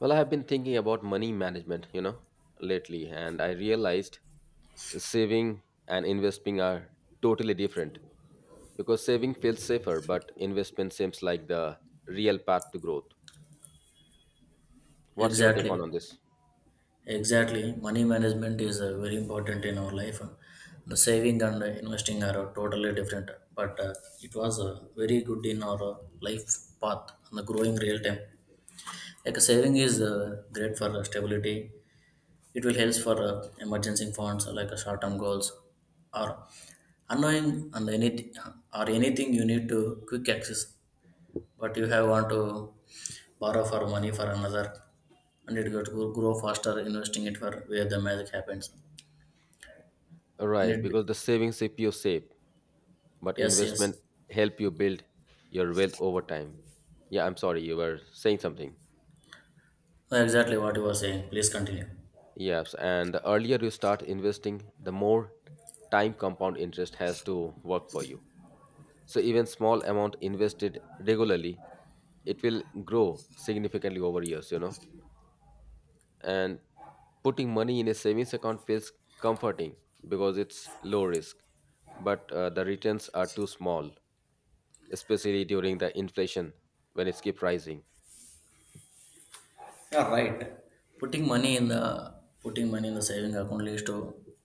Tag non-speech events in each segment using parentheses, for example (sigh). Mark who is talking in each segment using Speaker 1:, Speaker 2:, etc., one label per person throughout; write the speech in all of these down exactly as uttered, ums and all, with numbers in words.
Speaker 1: Well, I have been thinking about money management, you know, lately, and I realized saving and investing are totally different because saving feels safer, but investment seems like the real path to growth. What's your take
Speaker 2: Exactly,
Speaker 1: on, on this?
Speaker 2: exactly. Money management is uh, very important in our life. The saving and uh, investing are uh, totally different, but uh, it was uh, very good in our uh, life path and the growing real time. Like uh, saving is uh, great for uh, stability. It will help for uh, emergency funds uh, like uh, short-term goals or unknowing and anything, or anything you need to quick access. But you have want to borrow for money for another. And it got to grow faster investing it for where the magic happens and
Speaker 1: Right,
Speaker 2: it be-
Speaker 1: because the savings keep you safe, but
Speaker 2: yes, yes.
Speaker 1: investment help you build your wealth over time. Yeah, I'm sorry, you were saying something.
Speaker 2: Uh, exactly what you were saying, please continue.
Speaker 1: Yes, and the earlier you start investing, the more time compound interest has to work for you. So even small amount invested regularly, it will grow significantly over years, you know. And putting money in a savings account feels comforting because it's low risk, but uh, the returns are too small, especially during the inflation when it's keep rising.
Speaker 2: Yeah, right. putting money in the putting money in the saving account leads to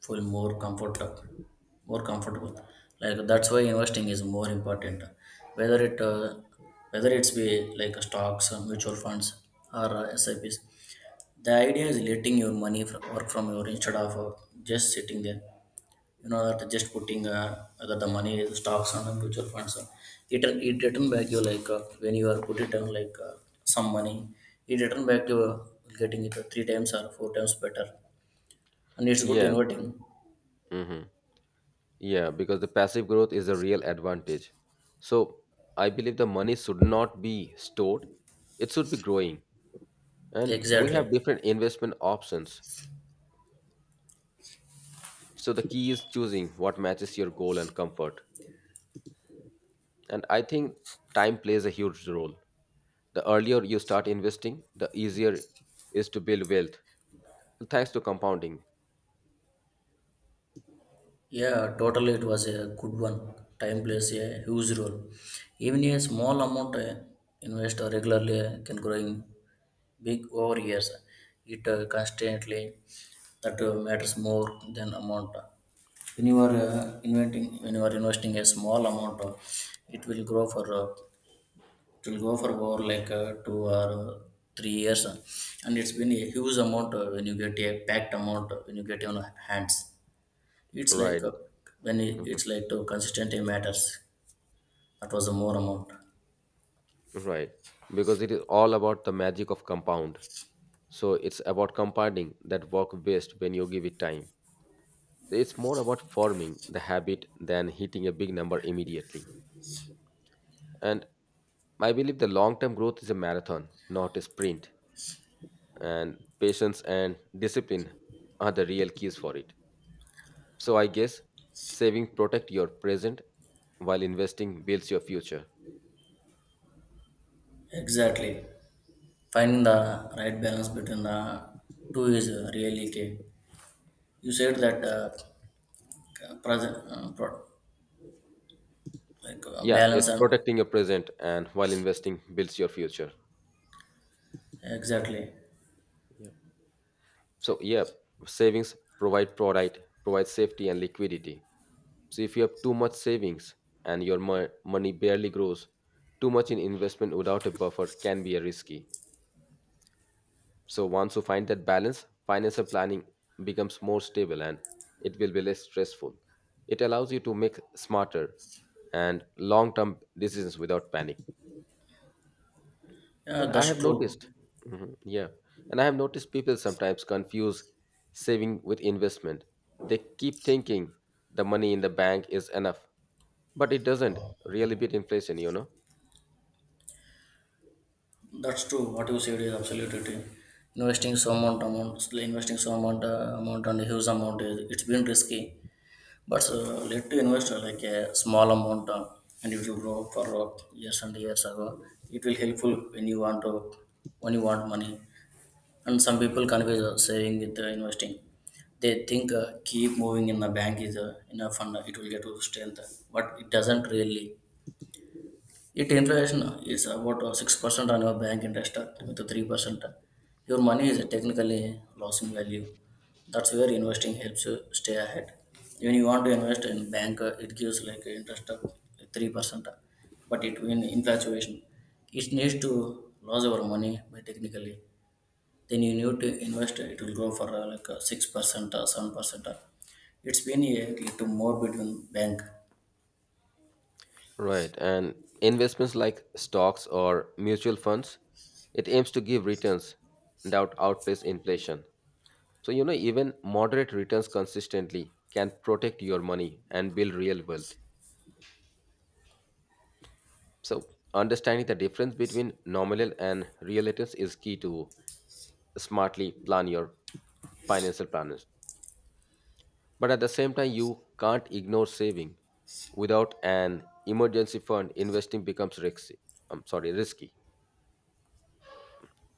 Speaker 2: feel more comfort uh, more comfortable, like that's why investing is more important, whether it uh, whether it's be like stocks or mutual funds or uh, sips. The idea is letting your money fr- work from your instead of uh, just sitting there. You know that just putting uh, that the money is stocks and the mutual funds, uh, it it return back you, like uh, when you are put it on, like uh, some money, it return back you, uh, getting it uh, three times or four times better, and it's good
Speaker 1: Yeah,
Speaker 2: inverting.
Speaker 1: hmm, yeah, because the passive growth is a real advantage. So I believe the money should not be stored; it should be growing. And we
Speaker 2: Exactly.
Speaker 1: have different investment options. So the key is choosing what matches your goal and comfort. And I think time plays a huge role. The earlier you start investing, the easier is to build wealth thanks to compounding.
Speaker 2: Yeah, totally, it was a good one. Time plays a huge role, even a small amount uh, investor regularly uh, can growing big over years, it uh, constantly, that uh, matters more than amount. When you are uh, inventing when you are investing a small amount of, it will grow for uh, it will go for over like uh, two or uh, three years, uh, and it's been a huge amount, uh, when you get a packed amount uh, when you get on hands. It's like,
Speaker 1: Right.
Speaker 2: uh, when it-
Speaker 1: Mhm.
Speaker 2: it's like to consistency matters. That was a more amount.
Speaker 1: Right. Because it is all about the magic of compound. So it's about compounding that work best when you give it time. So it's more about forming the habit than hitting a big number immediately. And I believe the long term growth is a marathon, not a sprint. And patience and discipline are the real keys for it. So I guess saving protect your present while investing builds your future.
Speaker 2: Exactly, finding the right balance between the two is uh, really key. You said that uh, present, uh, pro- like uh,
Speaker 1: Yeah,
Speaker 2: balance,
Speaker 1: it's
Speaker 2: and
Speaker 1: protecting your present and while investing builds your future.
Speaker 2: exactly.
Speaker 1: Yeah. So yeah, savings provide provide provide safety and liquidity. So if you have too much savings and your mo- money barely grows, too much in investment without a buffer can be a risky. So once you find that balance, financial planning becomes more stable and it will be less stressful. It allows you to make smarter and long-term decisions without panic.
Speaker 2: Yeah,
Speaker 1: And I
Speaker 2: that's
Speaker 1: have
Speaker 2: true.
Speaker 1: noticed, Mhm, yeah, and I have noticed people sometimes confuse saving with investment. They keep thinking the money in the bank is enough, but it doesn't really beat inflation, you know.
Speaker 2: That's true. What you said is absolutely true. Investing so amount amount, investing so amount, uh, amount and huge amount, is, it's been risky. But uh, let to invest uh, like a small amount, uh, and it will grow for uh, years and years ago. It will helpful when you want to when you want money. And some people confuse uh, saving with uh, investing. They think uh, keep moving in the bank is uh, enough, and uh, it will get to strength. But it doesn't really. It inflation is about uh, six percent on your bank interest uh, with a three percent. Your money is technically losing value. That's where investing helps you stay ahead. When you want to invest in bank, uh, it gives like interest of three percent. uh, But it in inflation, it needs to lose your money by technically. Then you need to invest, uh, it will go for uh, like uh, six percent or seven percent. uh. It's been a little more between bank.
Speaker 1: Right, and investments like stocks or mutual funds, it aims to give returns that outpace inflation. So, you know, even moderate returns consistently can protect your money and build real wealth. So, understanding the difference between nominal and real returns is key to smartly plan your financial planners. But at the same time, you can't ignore saving. Without an emergency fund, investing becomes risky. I'm sorry, risky.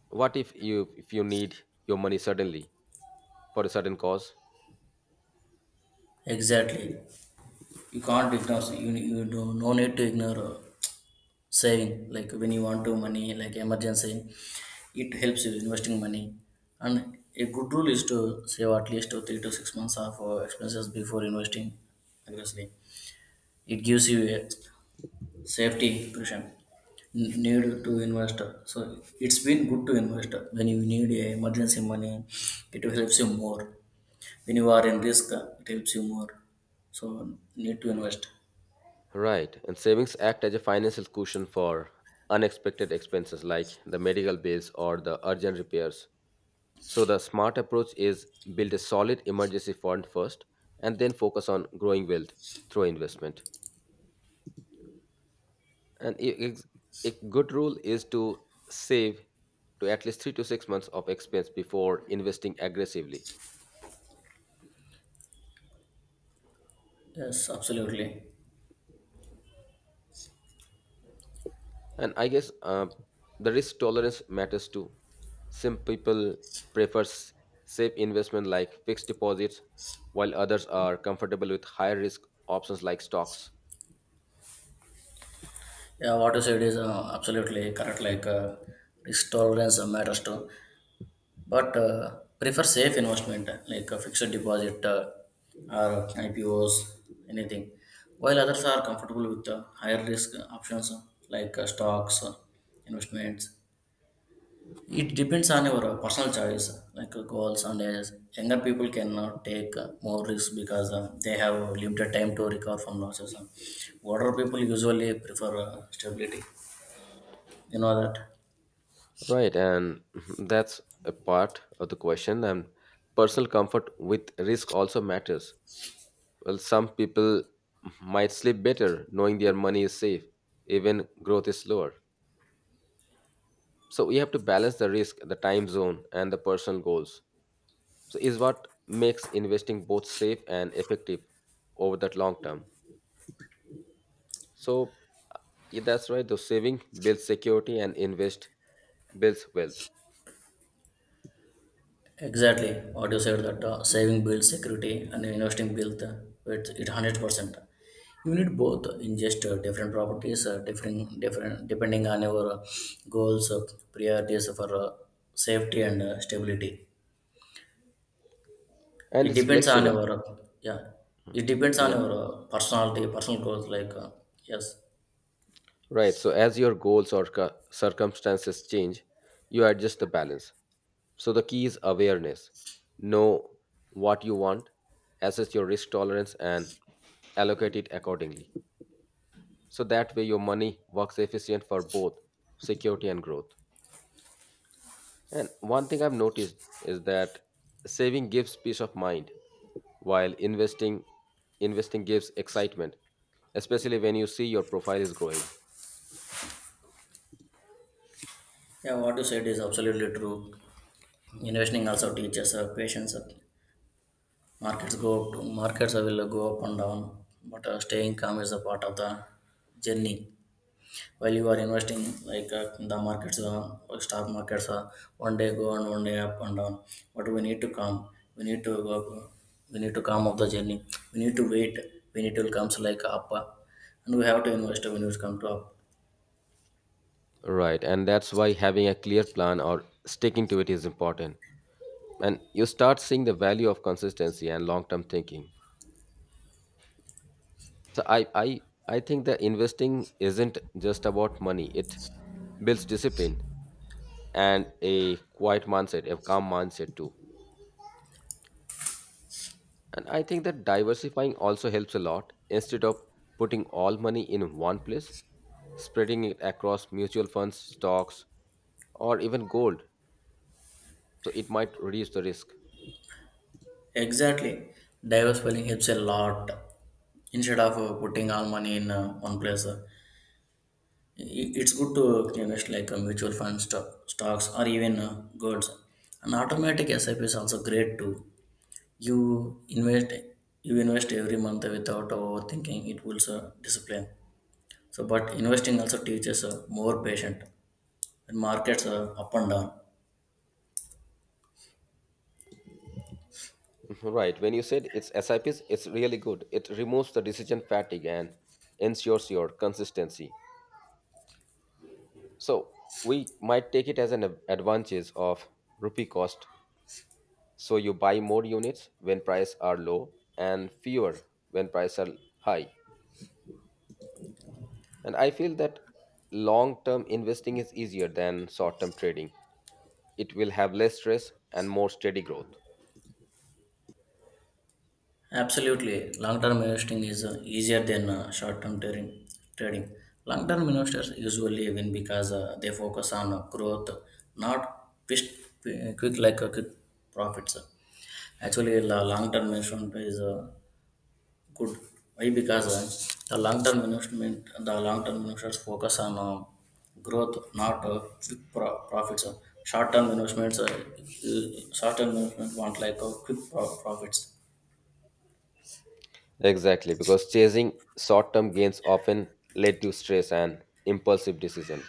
Speaker 1: What if you if you need your money suddenly for a sudden cause?
Speaker 2: Exactly. You can't ignore you, you do no need to ignore uh, saving, like when you want to money like emergency, it helps you investing money. And a good rule is to save at least uh, three to six months of uh, expenses before investing aggressively. It gives you a safety cushion. N- need to invest. So it's been good to invest when you need a emergency money. It helps you more when you are in risk, uh, it helps you more. So need to invest.
Speaker 1: Right, and savings act as a financial cushion for unexpected expenses like the medical bills or the urgent repairs. So the smart approach is build a solid emergency fund first and then focus on growing wealth through investment. And a ex- a good rule is to save to at least three to six months of expense before investing aggressively.
Speaker 2: Yes, absolutely.
Speaker 1: And I guess uh, the risk tolerance matters too. Some people prefer s- safe investment like fixed deposits, while others are comfortable with higher risk options like stocks.
Speaker 2: Yeah, what you said is uh, absolutely correct. Like uh, risk tolerance uh, matters too, but uh, prefer safe investment uh, like a fixed deposit, uh, or I P Os, anything. While others are comfortable with uh, higher risk options uh, like uh, stocks, uh, investments. It depends on your uh, personal choice, uh, like uh, goals and ages. Younger people cannot take uh, more risks because uh, they have limited time to recover from losses. Uh, Older people usually prefer uh, stability. You know that.
Speaker 1: Right, and (laughs) that's a part of the question. And personal comfort with risk also matters. Well, some people might sleep better knowing their money is safe, even growth is slower. So we have to balance the risk, the time zone, and the personal goals. So is what makes investing both safe and effective over that long term. So yeah, that's right, the saving builds security and invest builds wealth.
Speaker 2: Exactly, what you said that uh, saving builds security and investing builds, uh, it, it one hundred percent. You need both, uh, in just uh, different properties, uh, different, different, depending on your uh, goals, uh, priorities for uh, safety and uh, stability.
Speaker 1: And
Speaker 2: It
Speaker 1: it's
Speaker 2: depends on
Speaker 1: flexible.
Speaker 2: your, uh, yeah, it depends on
Speaker 1: Yeah,
Speaker 2: your uh, personality, personal goals, like, uh, yes.
Speaker 1: right. So as your goals or cir- circumstances change, you adjust the balance. So the key is awareness. Know what you want, assess your risk tolerance and allocate it accordingly, so that way your money works efficient for both security and growth. And one thing I've noticed is that saving gives peace of mind, while investing investing gives excitement, especially when you see your profile is growing.
Speaker 2: Yeah, what you said is absolutely true. Investing also teaches uh, patience. uh, Markets go up, markets will go up and down, but uh, staying calm is a part of the journey. While you are investing, like uh, the markets, uh, or stock markets, uh, one day go and one day up and down. But we need to calm. We need to go up, we need to calm off the journey. We need to wait. We need to comes like up, uh, and we have to invest when it comes to up.
Speaker 1: Right, and that's why having a clear plan or sticking to it is important. And you start seeing the value of consistency and long-term thinking. So I I I think that investing isn't just about money. It builds discipline and a quiet mindset, a calm mindset too. And I think that diversifying also helps a lot. Instead of putting all money in one place, spreading it across mutual funds, stocks, or even gold. So it might reduce the risk.
Speaker 2: Exactly, diversifying helps a lot, instead of uh, putting all money in uh, one place. uh, I- It's good to invest like uh, mutual funds, stock, stocks, or even uh, golds. And automatic SIP is also great too. You invest, you invest every month without overthinking. It builds uh, discipline. So, but investing also teaches uh, more patient, and markets are up and down.
Speaker 1: (laughs) Right. When you said it's S I Ps, it's really good. It removes the decision fatigue and ensures your consistency. So we might take it as an ad- advantage of rupee cost. So you buy more units when prices are low and fewer when prices are high. And I feel that long term investing is easier than short term trading. It will have less stress and more steady growth.
Speaker 2: Absolutely, long-term investing is uh, easier than uh, short-term trading. Trading. Long-term investors usually win because uh, they focus on uh, growth, not quick, quick like uh, quick profits. Actually, the long-term investment is uh, good. Why? Because uh, the long-term investment, the long-term investors focus on uh, growth, not uh, quick pro- profits. Uh, Short-term investments, uh, uh, short-term investment want like uh, quick pro- profits.
Speaker 1: Exactly, because chasing short term gains often lead to stress and impulsive decision.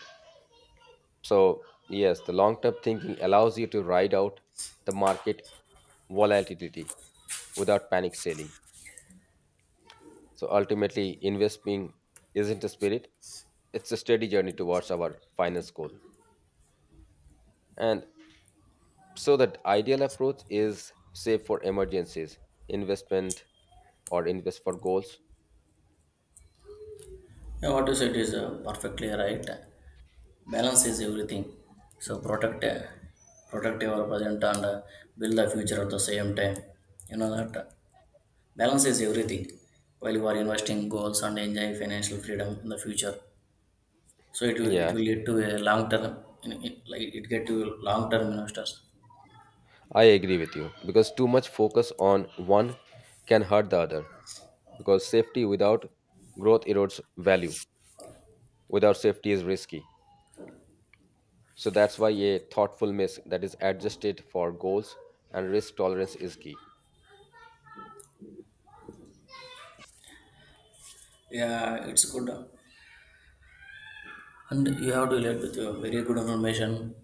Speaker 1: So, yes, the long term thinking allows you to ride out the market volatility without panic selling. So, ultimately, investing isn't a spirit, it's a steady journey towards our final goal. And so the ideal approach is save for emergencies, investment or invest for goals.
Speaker 2: Yeah, what you said is uh, perfectly right. Balance is everything. So protect, uh, protect your present and uh, build the future at the same time. You know that. Balance is everything. While you are investing goals and enjoy financial freedom in the future, so it will, it will
Speaker 1: Yes,
Speaker 2: lead to a long term, in- in- like it get to long term investors.
Speaker 1: I agree with you because too much focus on one can hurt the other because safety without growth erodes value. Without safety is risky. So that's why a thoughtful mix that is adjusted for goals and risk tolerance is key.
Speaker 2: Yeah, it's good, and you have to relate with your very good information,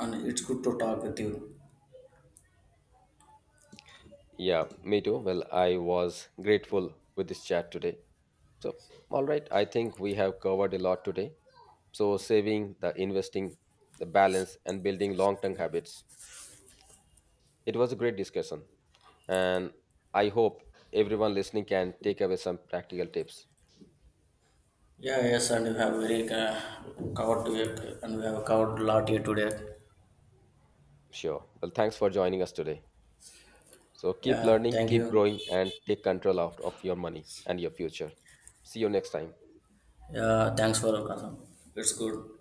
Speaker 2: and it's good to talk with you.
Speaker 1: Yeah, me too. Well, I was grateful with this chat today. So, all right, I think we have covered a lot today. So, saving, the investing, the balance, and building long term habits. It was a great discussion. And I hope everyone listening can take away some practical tips.
Speaker 2: Yeah, yes, and you have very uh, covered to it, and we have covered a lot here today.
Speaker 1: Sure. Well, thanks for joining us today. So, keep
Speaker 2: Yeah,
Speaker 1: learning,
Speaker 2: thank
Speaker 1: keep
Speaker 2: you.
Speaker 1: growing, and take control out of your money and your future. See you next time.
Speaker 2: Yeah, thanks for your concern. It's good.